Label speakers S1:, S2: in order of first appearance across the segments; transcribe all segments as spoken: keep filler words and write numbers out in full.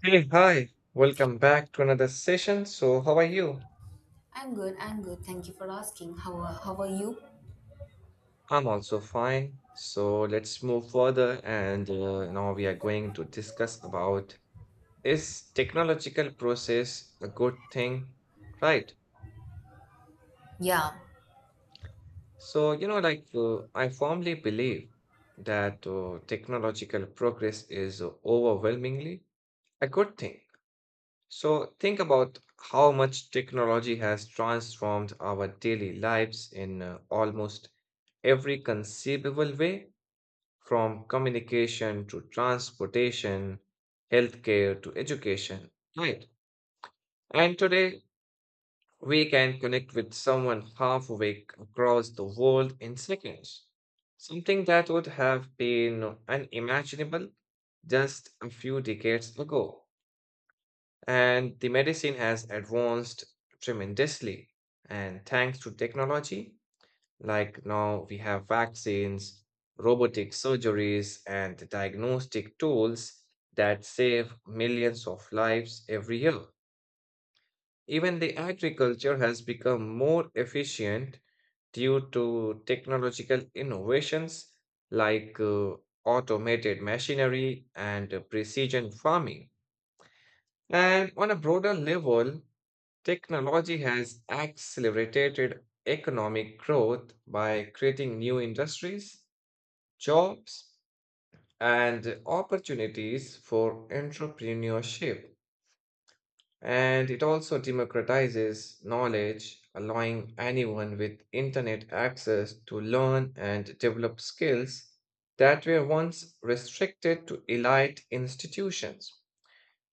S1: Hey, hi. Welcome back to another session. So, how are you?
S2: I'm good. I'm good. Thank you for asking. How are, how are you?
S1: I'm also fine. So, let's move further and uh, now we are going to discuss about is technological process a good thing? Right.
S2: Yeah.
S1: So, you know, like uh, I firmly believe that uh, technological progress is overwhelmingly a good thing. So, think about how much technology has transformed our daily lives in uh, almost every conceivable way, from communication to transportation, healthcare to education, right? And today, we can connect with someone half awake across the world in seconds, something that would have been unimaginable just a few decades ago. And the medicine has advanced tremendously. And thanks to technology, like now we have vaccines, robotic surgeries, and diagnostic tools that save millions of lives every year. Even the agriculture has become more efficient due to technological innovations like uh, automated machinery and uh, precision farming. And on a broader level, technology has accelerated economic growth by creating new industries, jobs, and opportunities for entrepreneurship. And it also democratizes knowledge, allowing anyone with internet access to learn and develop skills that were once restricted to elite institutions,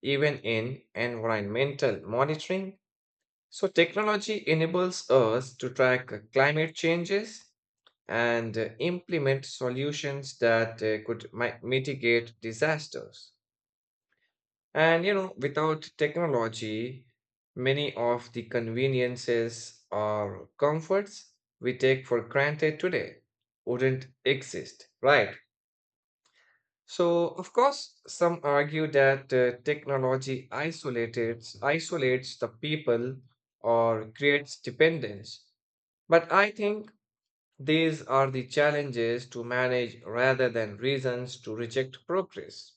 S1: even in environmental monitoring. So, technology enables us to track climate changes and uh, implement solutions that uh, could mi- mitigate disasters. And you know, without technology, many of the conveniences or comforts we take for granted today wouldn't exist, right? So, of course, some argue that uh, technology isolates isolates the people or creates dependence. But I think these are the challenges to manage rather than reasons to reject progress.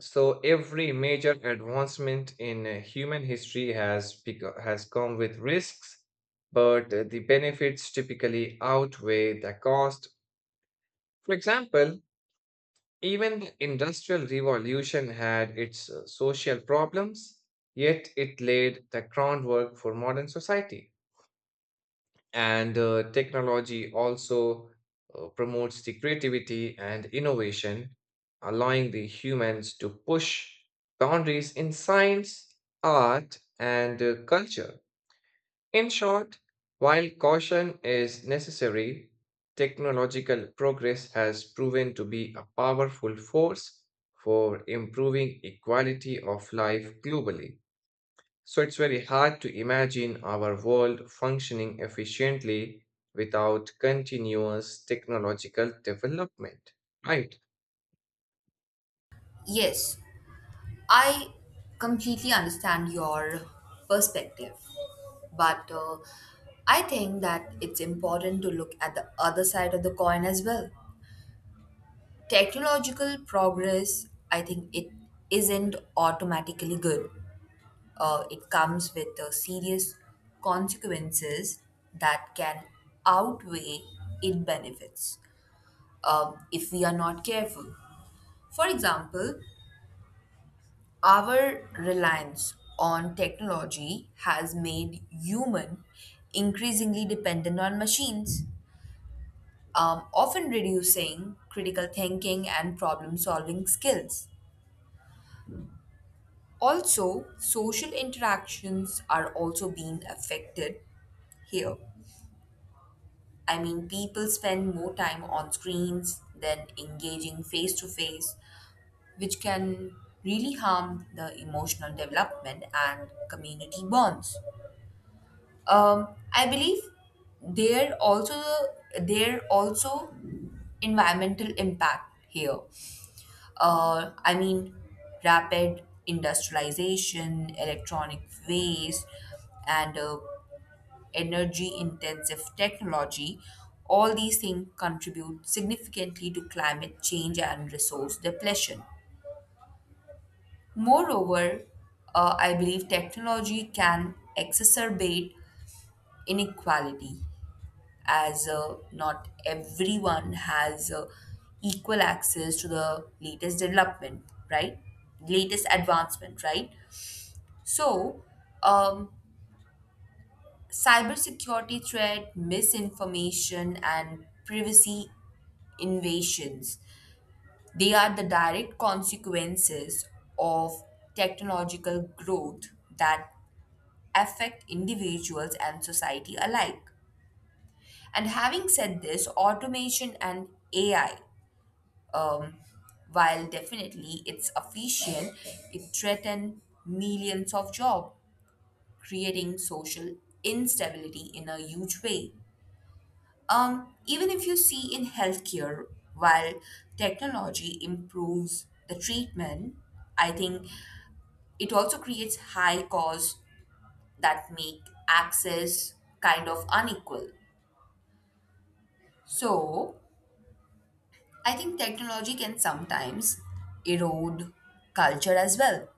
S1: So, every major advancement in uh, human history has, beco- has come with risks, but uh, the benefits typically outweigh the cost. For example, even the Industrial Revolution had its uh, social problems, yet it laid the groundwork for modern society. And uh, technology also uh, promotes the creativity and innovation, allowing the humans to push boundaries in science, art, and uh, culture. In short, while caution is necessary, technological progress has proven to be a powerful force for improving equality of life globally. So it's very hard to imagine our world functioning efficiently without continuous technological development, right?
S2: Yes, I completely understand your perspective. But uh, I think that it's important to look at the other side of the coin as well. Technological progress, I think it isn't automatically good. Uh, it comes with uh, serious consequences that can outweigh its benefits, uh, if we are not careful. For example, our reliance on technology has made human increasingly dependent on machines, um, often reducing critical thinking and problem solving skills. Also, social interactions are also being affected here. I mean, people spend more time on screens than engaging face to face, which can really harm the emotional development and community bonds. Um, I believe there also there also environmental impact here. Uh, I mean, rapid industrialization, electronic waste, and uh, energy intensive technology. All these things contribute significantly to climate change and resource depletion. Moreover, uh, I believe technology can exacerbate inequality, as uh, not everyone has uh, equal access to the latest development, right? Latest advancement, right? So, um, cybersecurity threat, misinformation, and privacy invasions. They are the direct consequences of technological growth that affect individuals and society alike. And having said this, automation and A I, um, while definitely it's efficient, it threatens millions of jobs, creating social instability in a huge way. Um, even if you see in healthcare, while technology improves the treatment, I think it also creates high costs that make access kind of unequal. So, I think technology can sometimes erode culture as well.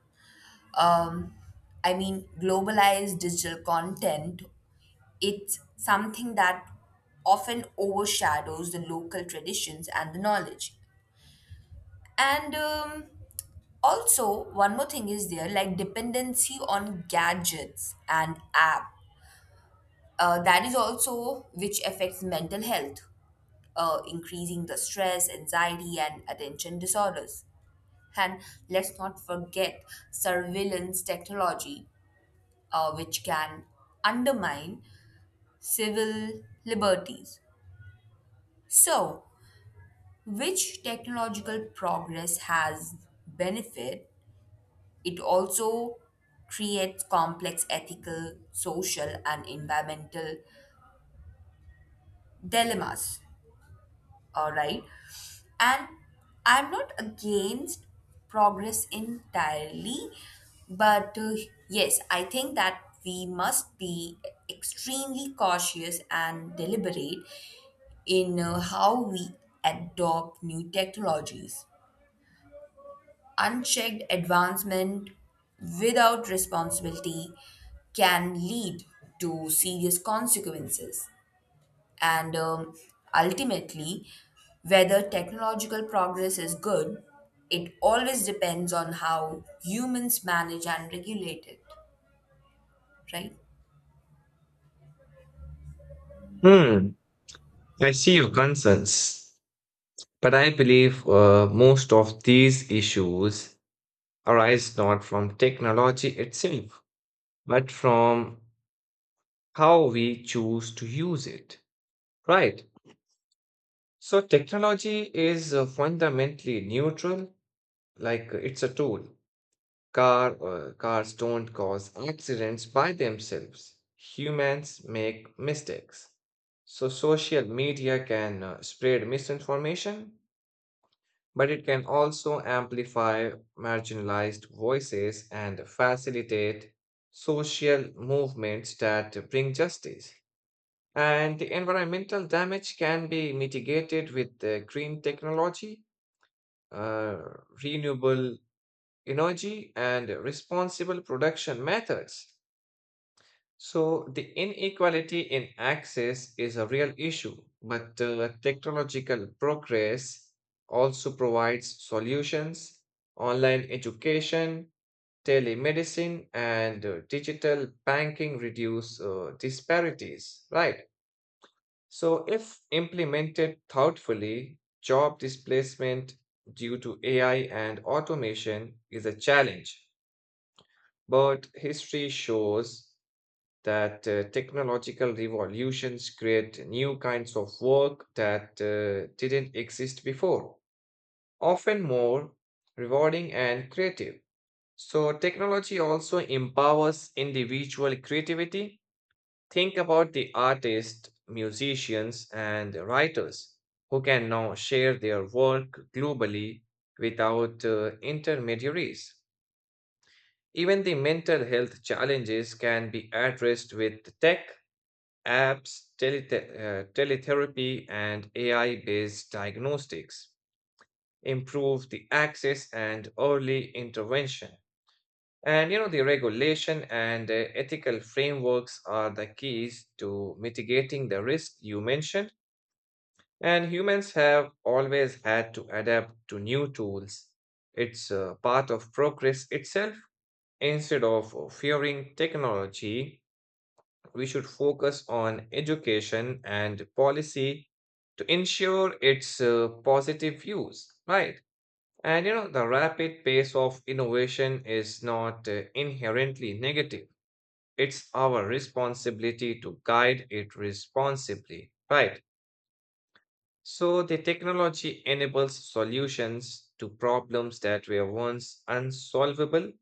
S2: Um, I mean, globalized digital content, it's something that often overshadows the local traditions and the knowledge. And um, Also, one more thing is there like dependency on gadgets and app. Uh, that is also which affects mental health, uh, increasing the stress, anxiety, and attention disorders. And let's not forget surveillance technology, uh, which can undermine civil liberties. So, which technological progress has benefit? It also creates complex ethical, social, and environmental dilemmas. All right. And I'm not against progress entirely, but uh, yes, I think that we must be extremely cautious and deliberate in uh, how we adopt new technologies. Unchecked advancement without responsibility can lead to serious consequences. And um, ultimately, whether technological progress is good, it always depends on how humans manage and regulate it, right?
S1: Hmm, I see your concerns, but I believe uh, most of these issues arise not from technology itself, but from how we choose to use it, right? So technology is uh, fundamentally neutral, like uh, it's a tool. Car, uh, cars don't cause accidents by themselves. Humans make mistakes. So, social media can uh, spread misinformation, but it can also amplify marginalized voices and facilitate social movements that bring justice. And the environmental damage can be mitigated with uh, green technology, uh, renewable energy, and responsible production methods. So, the inequality in access is a real issue, but uh, technological progress also provides solutions. Online education, telemedicine, and uh, digital banking reduce uh, disparities, right? So, if implemented thoughtfully, job displacement due to A I and automation is a challenge. But history shows that uh, technological revolutions create new kinds of work that uh, didn't exist before, often more rewarding and creative. So, technology also empowers individual creativity. Think about the artists, musicians, and writers who can now share their work globally without uh, intermediaries. Even the mental health challenges can be addressed with tech, apps, telete- uh, teletherapy, and A I based diagnostics. Improve the access and early intervention. And you know, the regulation and uh, ethical frameworks are the keys to mitigating the risk you mentioned. And humans have always had to adapt to new tools. It's a part of progress itself. Instead of fearing technology, we should focus on education and policy to ensure its uh, positive use, right? And you know, the rapid pace of innovation is not uh, inherently negative. It's our responsibility to guide it responsibly, right? So the technology enables solutions to problems that were once unsolvable,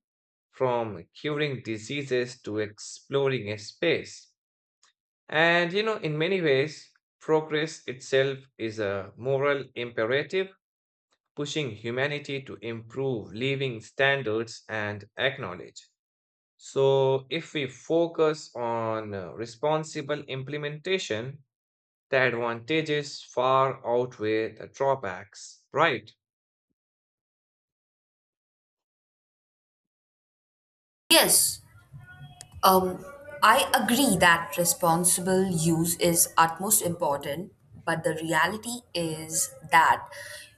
S1: from curing diseases to exploring a space. And you know, in many ways, progress itself is a moral imperative, pushing humanity to improve living standards and acknowledge. So, if we focus on uh, responsible implementation, the advantages far outweigh the drawbacks, right?
S2: Yes, um, I agree that responsible use is utmost important, but the reality is that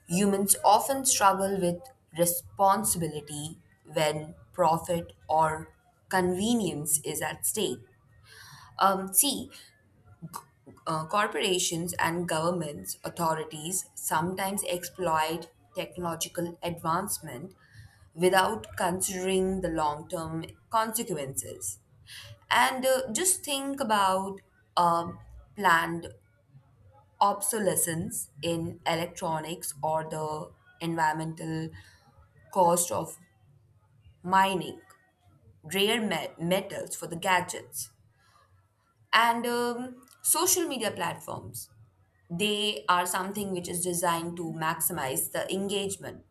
S2: humans often struggle with responsibility when profit or convenience is at stake. Um, see, Uh, corporations and governments authorities sometimes exploit technological advancement without considering the long term consequences. And uh, just think about uh, planned obsolescence in electronics or the environmental cost of mining rare met- metals for the gadgets. And um, social media platforms, they are something which is designed to maximize the engagement,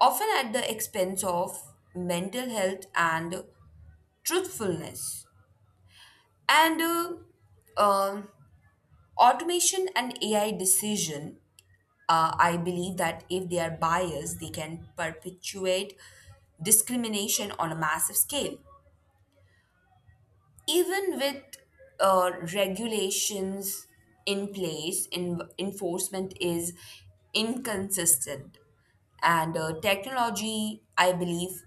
S2: often at the expense of mental health and truthfulness. And uh, um, Automation and A I decision, uh, I believe that if they are biased, they can perpetuate discrimination on a massive scale. Even with uh, regulations in place, in, enforcement is inconsistent. And uh, technology, I believe,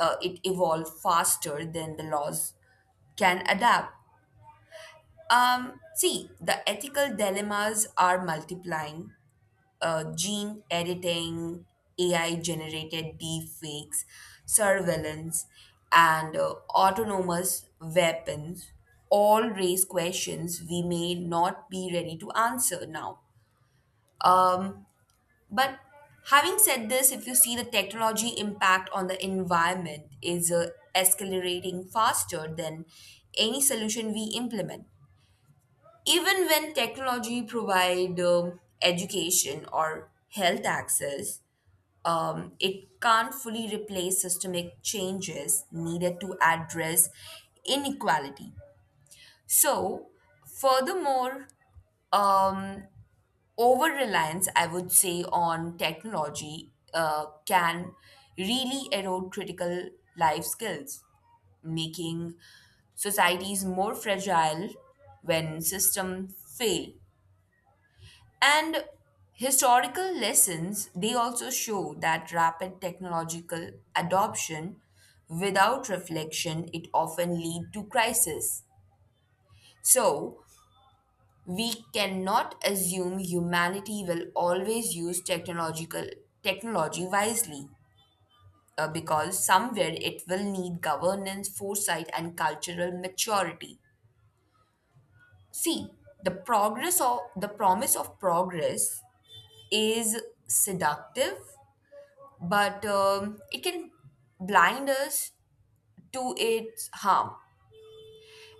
S2: uh, it evolved faster than the laws can adapt. Um, see, the ethical dilemmas are multiplying. Uh, gene editing, A I generated deepfakes, surveillance, and uh, autonomous weapons all raise questions we may not be ready to answer now. Um, but having said this, if you see, the technology impact on the environment is uh, accelerating faster than any solution we implement. Even when technology provide um, education or health access, um, it can't fully replace systemic changes needed to address inequality. So, furthermore, um, over reliance, I would say, on technology uh, can really erode critical life skills, making societies more fragile when systems fail. And historical lessons, they also show that rapid technological adoption without reflection, it often lead to crisis. So, we cannot assume humanity will always use technological technology wisely, uh, because somewhere it will need governance, foresight and cultural maturity. See, the progress of the promise of progress is seductive, but um, it can blind us to its harm.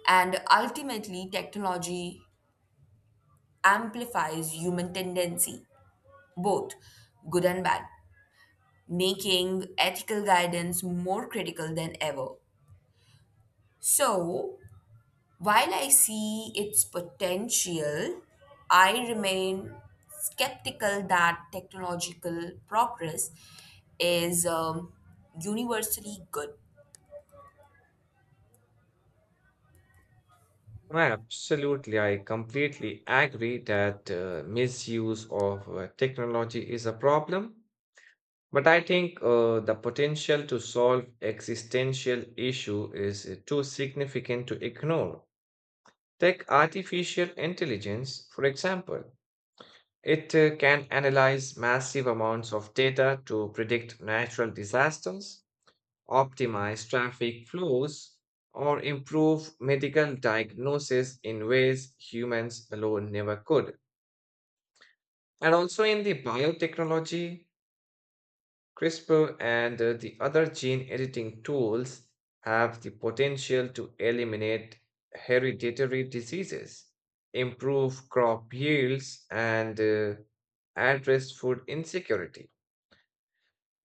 S2: And ultimately, technology amplifies human tendency, both good and bad, making ethical guidance more critical than ever. So, while I see its potential, I remain skeptical that technological progress is um, universally good.
S1: Absolutely, I completely agree that uh, misuse of uh, technology is a problem. But I think uh, the potential to solve existential issue is uh, too significant to ignore. Take artificial intelligence, for example. It uh, can analyze massive amounts of data to predict natural disasters, optimize traffic flows, or improve medical diagnosis in ways humans alone never could. And also in the biotechnology, CRISPR and uh, the other gene editing tools have the potential to eliminate hereditary diseases, improve crop yields, and uh, address food insecurity.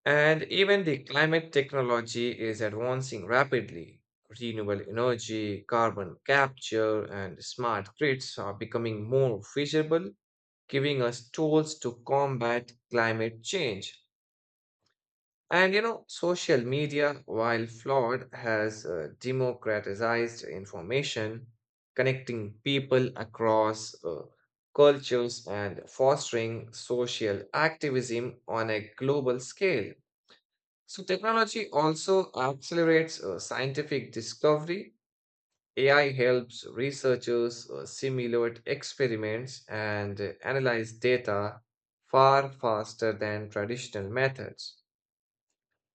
S1: And even the climate technology is advancing rapidly. Renewable energy, carbon capture, and smart grids are becoming more feasible, giving us tools to combat climate change. And you know, social media, while flawed, has uh, democratized information, connecting people across uh, cultures and fostering social activism on a global scale. So, technology also accelerates uh, scientific discovery. A I helps researchers uh, simulate experiments and analyze data far faster than traditional methods.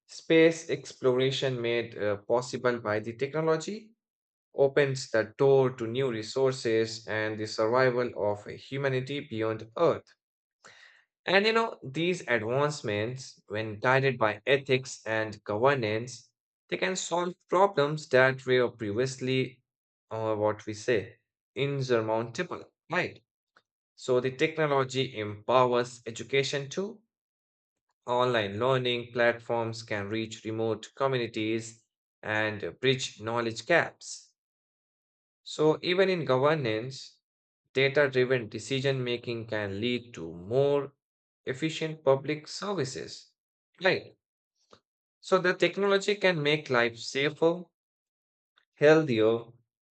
S1: Space exploration made uh, possible by the technology opens the door to new resources and the survival of humanity beyond Earth. And you know, these advancements, when guided by ethics and governance, they can solve problems that were previously, uh, what we say, insurmountable, right? So the technology empowers education too. Online learning platforms can reach remote communities and bridge knowledge gaps. So, even in governance, data driven decision making can lead to more efficient public services. Right. So, the technology can make life safer, healthier,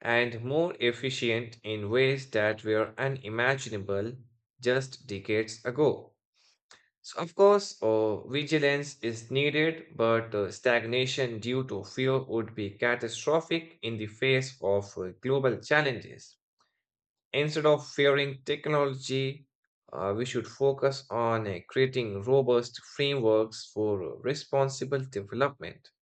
S1: and more efficient in ways that were unimaginable just decades ago. So, of course, uh, vigilance is needed, but uh, stagnation due to fear would be catastrophic in the face of uh, global challenges. Instead of fearing technology, uh, we should focus on uh, creating robust frameworks for uh, responsible development.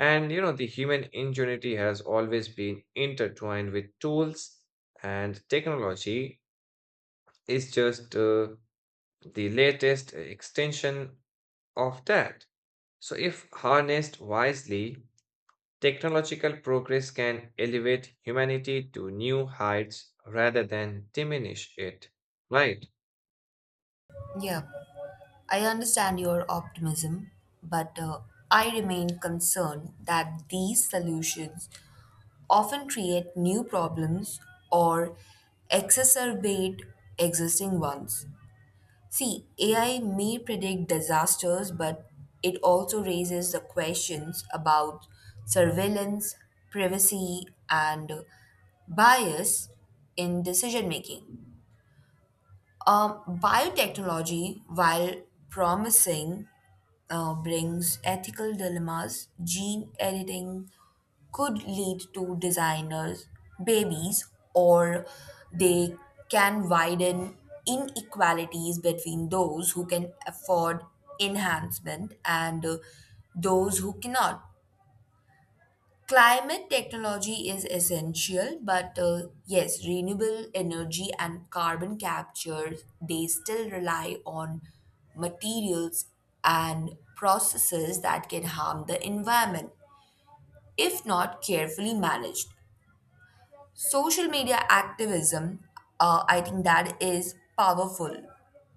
S1: And you know, the human ingenuity has always been intertwined with tools, and technology is just uh, the latest extension of that. So, if harnessed wisely, technological progress can elevate humanity to new heights rather than diminish it. Right?
S2: Yeah. I understand your optimism, but uh, I remain concerned that these solutions often create new problems or exacerbate existing ones. See, A I may predict disasters, but it also raises the questions about surveillance, privacy, and bias in decision making. Um, biotechnology, while promising, uh, brings ethical dilemmas. Gene editing could lead to designers, babies, or they can widen inequalities between those who can afford enhancement and uh, those who cannot. Climate technology is essential, but uh, yes, renewable energy and carbon capture, they still rely on materials and processes that can harm the environment if not carefully managed. Social media activism, uh, I think that is powerful,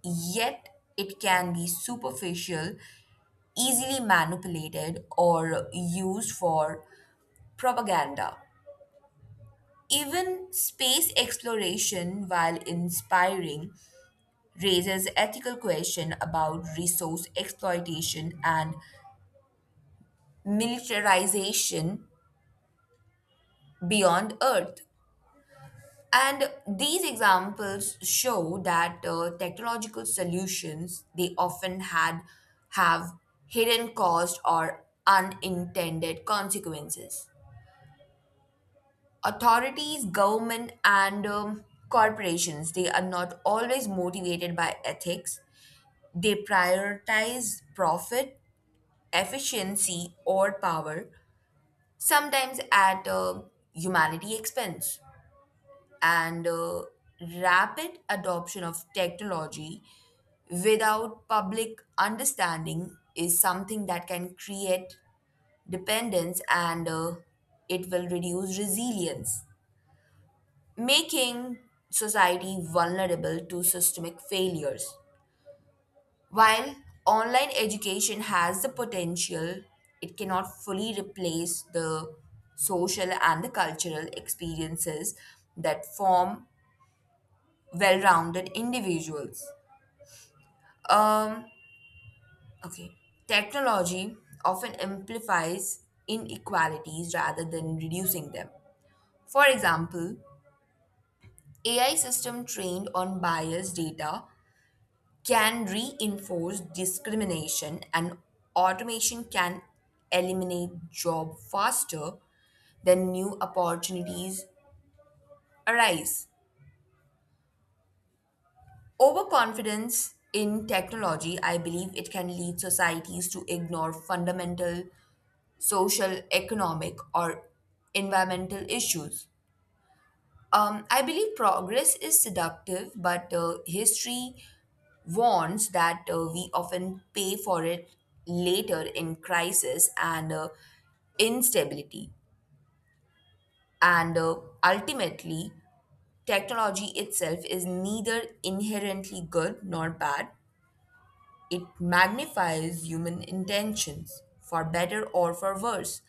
S2: yet it can be superficial, easily manipulated, or used for propaganda. Even space exploration, while inspiring, raises ethical questions about resource exploitation and militarization beyond Earth. And these examples show that uh, technological solutions they often had have hidden cost or unintended consequences. Authorities, government, and um, corporations, they are not always motivated by ethics. They prioritize profit, efficiency, or power, sometimes at uh, humanity expense. And uh, rapid adoption of technology without public understanding is something that can create dependence, and uh, it will reduce resilience, making society vulnerable to systemic failures. While online education has the potential, it cannot fully replace the social and the cultural experiences that form well-rounded individuals. Um, okay, technology often amplifies inequalities rather than reducing them. For example, A I system trained on biased data can reinforce discrimination, and automation can eliminate job faster than new opportunities arise. Overconfidence in technology, I believe it can lead societies to ignore fundamental social economic or environmental issues. um, I believe progress is seductive, but uh, history warns that uh, we often pay for it later in crisis and uh, instability. And uh, ultimately, technology itself is neither inherently good nor bad. It magnifies human intentions, for better or for worse,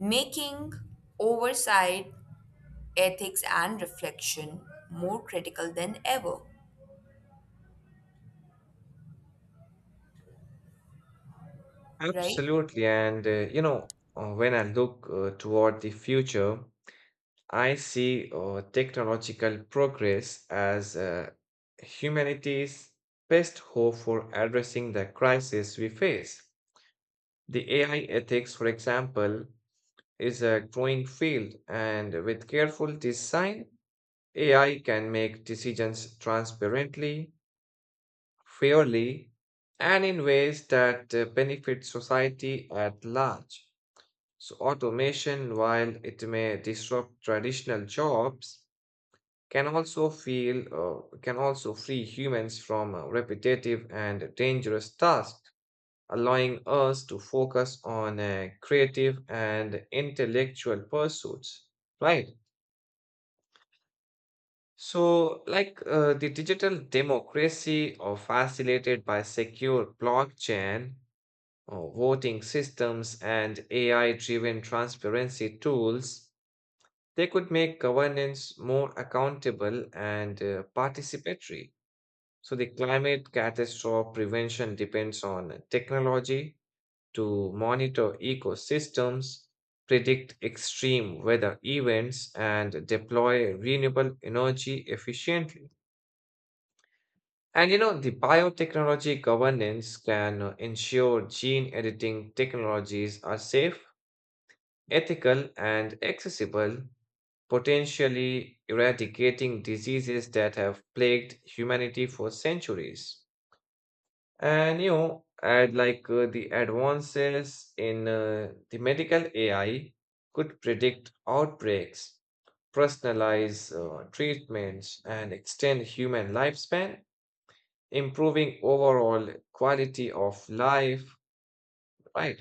S2: making oversight, ethics, and reflection more critical than ever, right?
S1: Absolutely. And, uh, you know, uh, when I look uh, toward the future, I see uh, technological progress as uh, humanity's best hope for addressing the crisis we face. The A I ethics, for example, is a growing field, and with careful design, A I can make decisions transparently, fairly, and in ways that uh, benefit society at large. So, automation, while it may disrupt traditional jobs, can also feel uh, can also free humans from uh, repetitive and dangerous tasks, allowing us to focus on uh, creative and intellectual pursuits. Right. So, like uh, the digital democracy or facilitated by secure blockchain, uh, voting systems, and A I-driven transparency tools, they could make governance more accountable and uh, participatory. So, the climate catastrophe prevention depends on technology to monitor ecosystems, predict extreme weather events, and deploy renewable energy efficiently. And you know, the biotechnology governance can uh, ensure gene editing technologies are safe, ethical, and accessible, potentially eradicating diseases that have plagued humanity for centuries. And you know, and like uh, The advances in uh, the medical A I could predict outbreaks, personalize uh, treatments, and extend human lifespan, improving overall quality of life, right?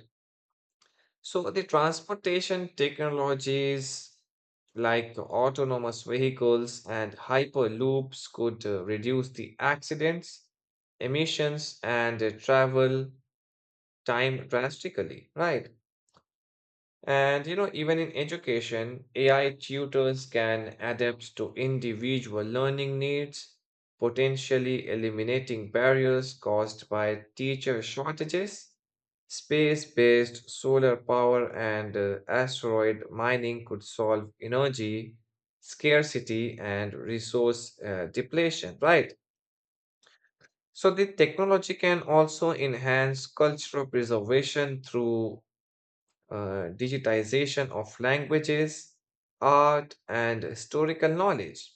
S1: So the transportation technologies like autonomous vehicles and hyperloops could uh, reduce the accidents, emissions, and uh, travel time drastically, right? And you know, even in education, A I tutors can adapt to individual learning needs, potentially eliminating barriers caused by teacher shortages. Space-based solar power and uh, asteroid mining could solve energy scarcity and resource uh, depletion, right? So the technology can also enhance cultural preservation through uh, digitization of languages, art, and historical knowledge.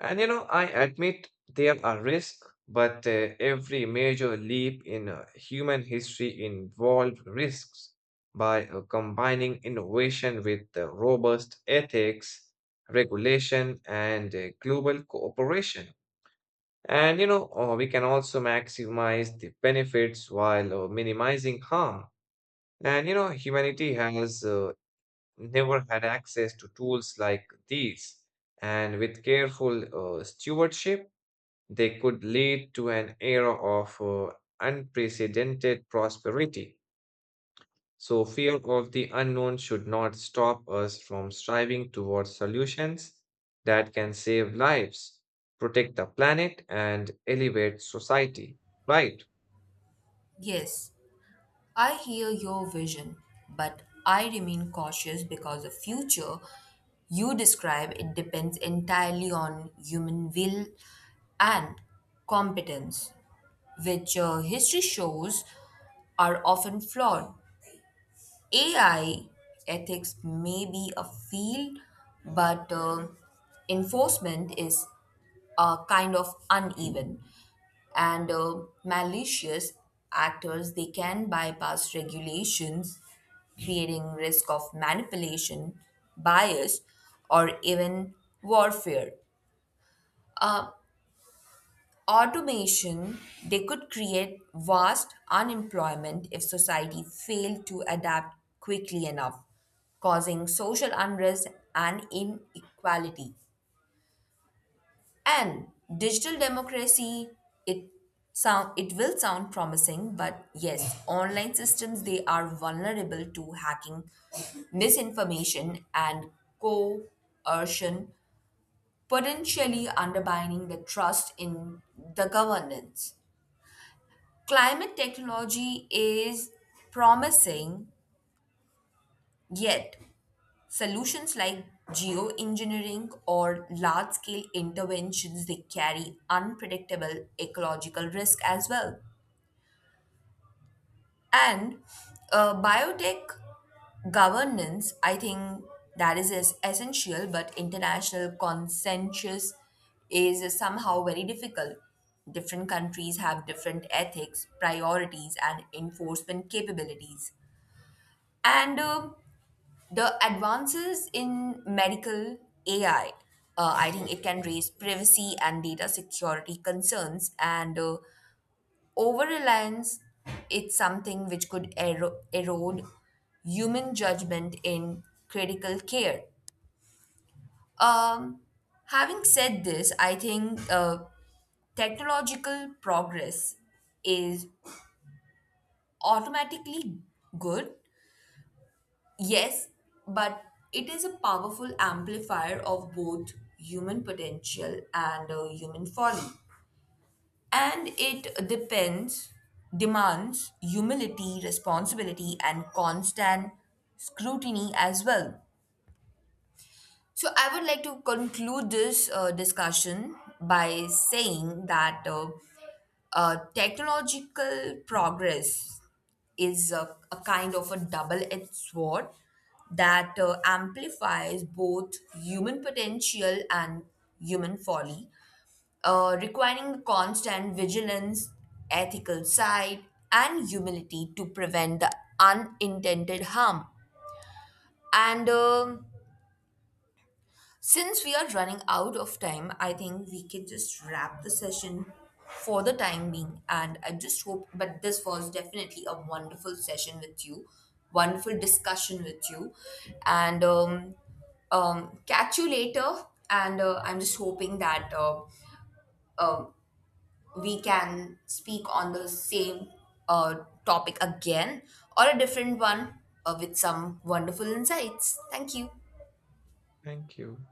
S1: And you know, I admit there are risks, but uh, every major leap in uh, human history involved risks. By uh, combining innovation with uh, robust ethics, regulation, and uh, global cooperation. And you know, uh, we can also maximize the benefits while uh, minimizing harm. And you know, humanity has uh, never had access to tools like these, and with careful uh, stewardship, they could lead to an era of uh, unprecedented prosperity. So, fear of the unknown should not stop us from striving towards solutions that can save lives, protect the planet, and elevate society. Right.
S2: Yes. I hear your vision, but I remain cautious because the future you describe it depends entirely on human will and competence, which uh, history shows are often flawed. A I ethics may be a field, but uh, enforcement is a kind of uneven, and uh, malicious actors, they can bypass regulations, creating risk of manipulation, bias, or even warfare. uh, Automation, they could create vast unemployment if society failed to adapt quickly enough, causing social unrest and inequality. And digital democracy, it sound it will sound promising, but yes, online systems they are vulnerable to hacking, misinformation, and coercion, potentially undermining the trust in the governance. Climate technology is promising, yet solutions like geoengineering or large scale interventions they carry unpredictable ecological risk as well. And uh, biotech governance, I think that is es- essential, but international consensus is somehow very difficult. Different countries have different ethics, priorities, and enforcement capabilities. And um the advances in medical A I, uh, I think it can raise privacy and data security concerns, and uh, over reliance, it's something which could ero- erode human judgment in critical care. Um, Having said this, I think uh, technological progress is automatically good. Yes, but it is a powerful amplifier of both human potential and uh, human folly. And it depends, demands humility, responsibility, and constant scrutiny as well. So, I would like to conclude this uh, discussion by saying that uh, uh, technological progress is a, a kind of a double-edged sword that uh, amplifies both human potential and human folly, uh, requiring constant vigilance, ethical sight, and humility to prevent the unintended harm. And um since we are running out of time, I think we can just wrap the session for the time being. And I just hope, but this was definitely a wonderful session with you, wonderful discussion with you. And um, um, Catch you later. And uh, I'm just hoping that uh, uh, we can speak on the same uh, topic again or a different one, uh, with some wonderful insights. Thank you.
S1: Thank you.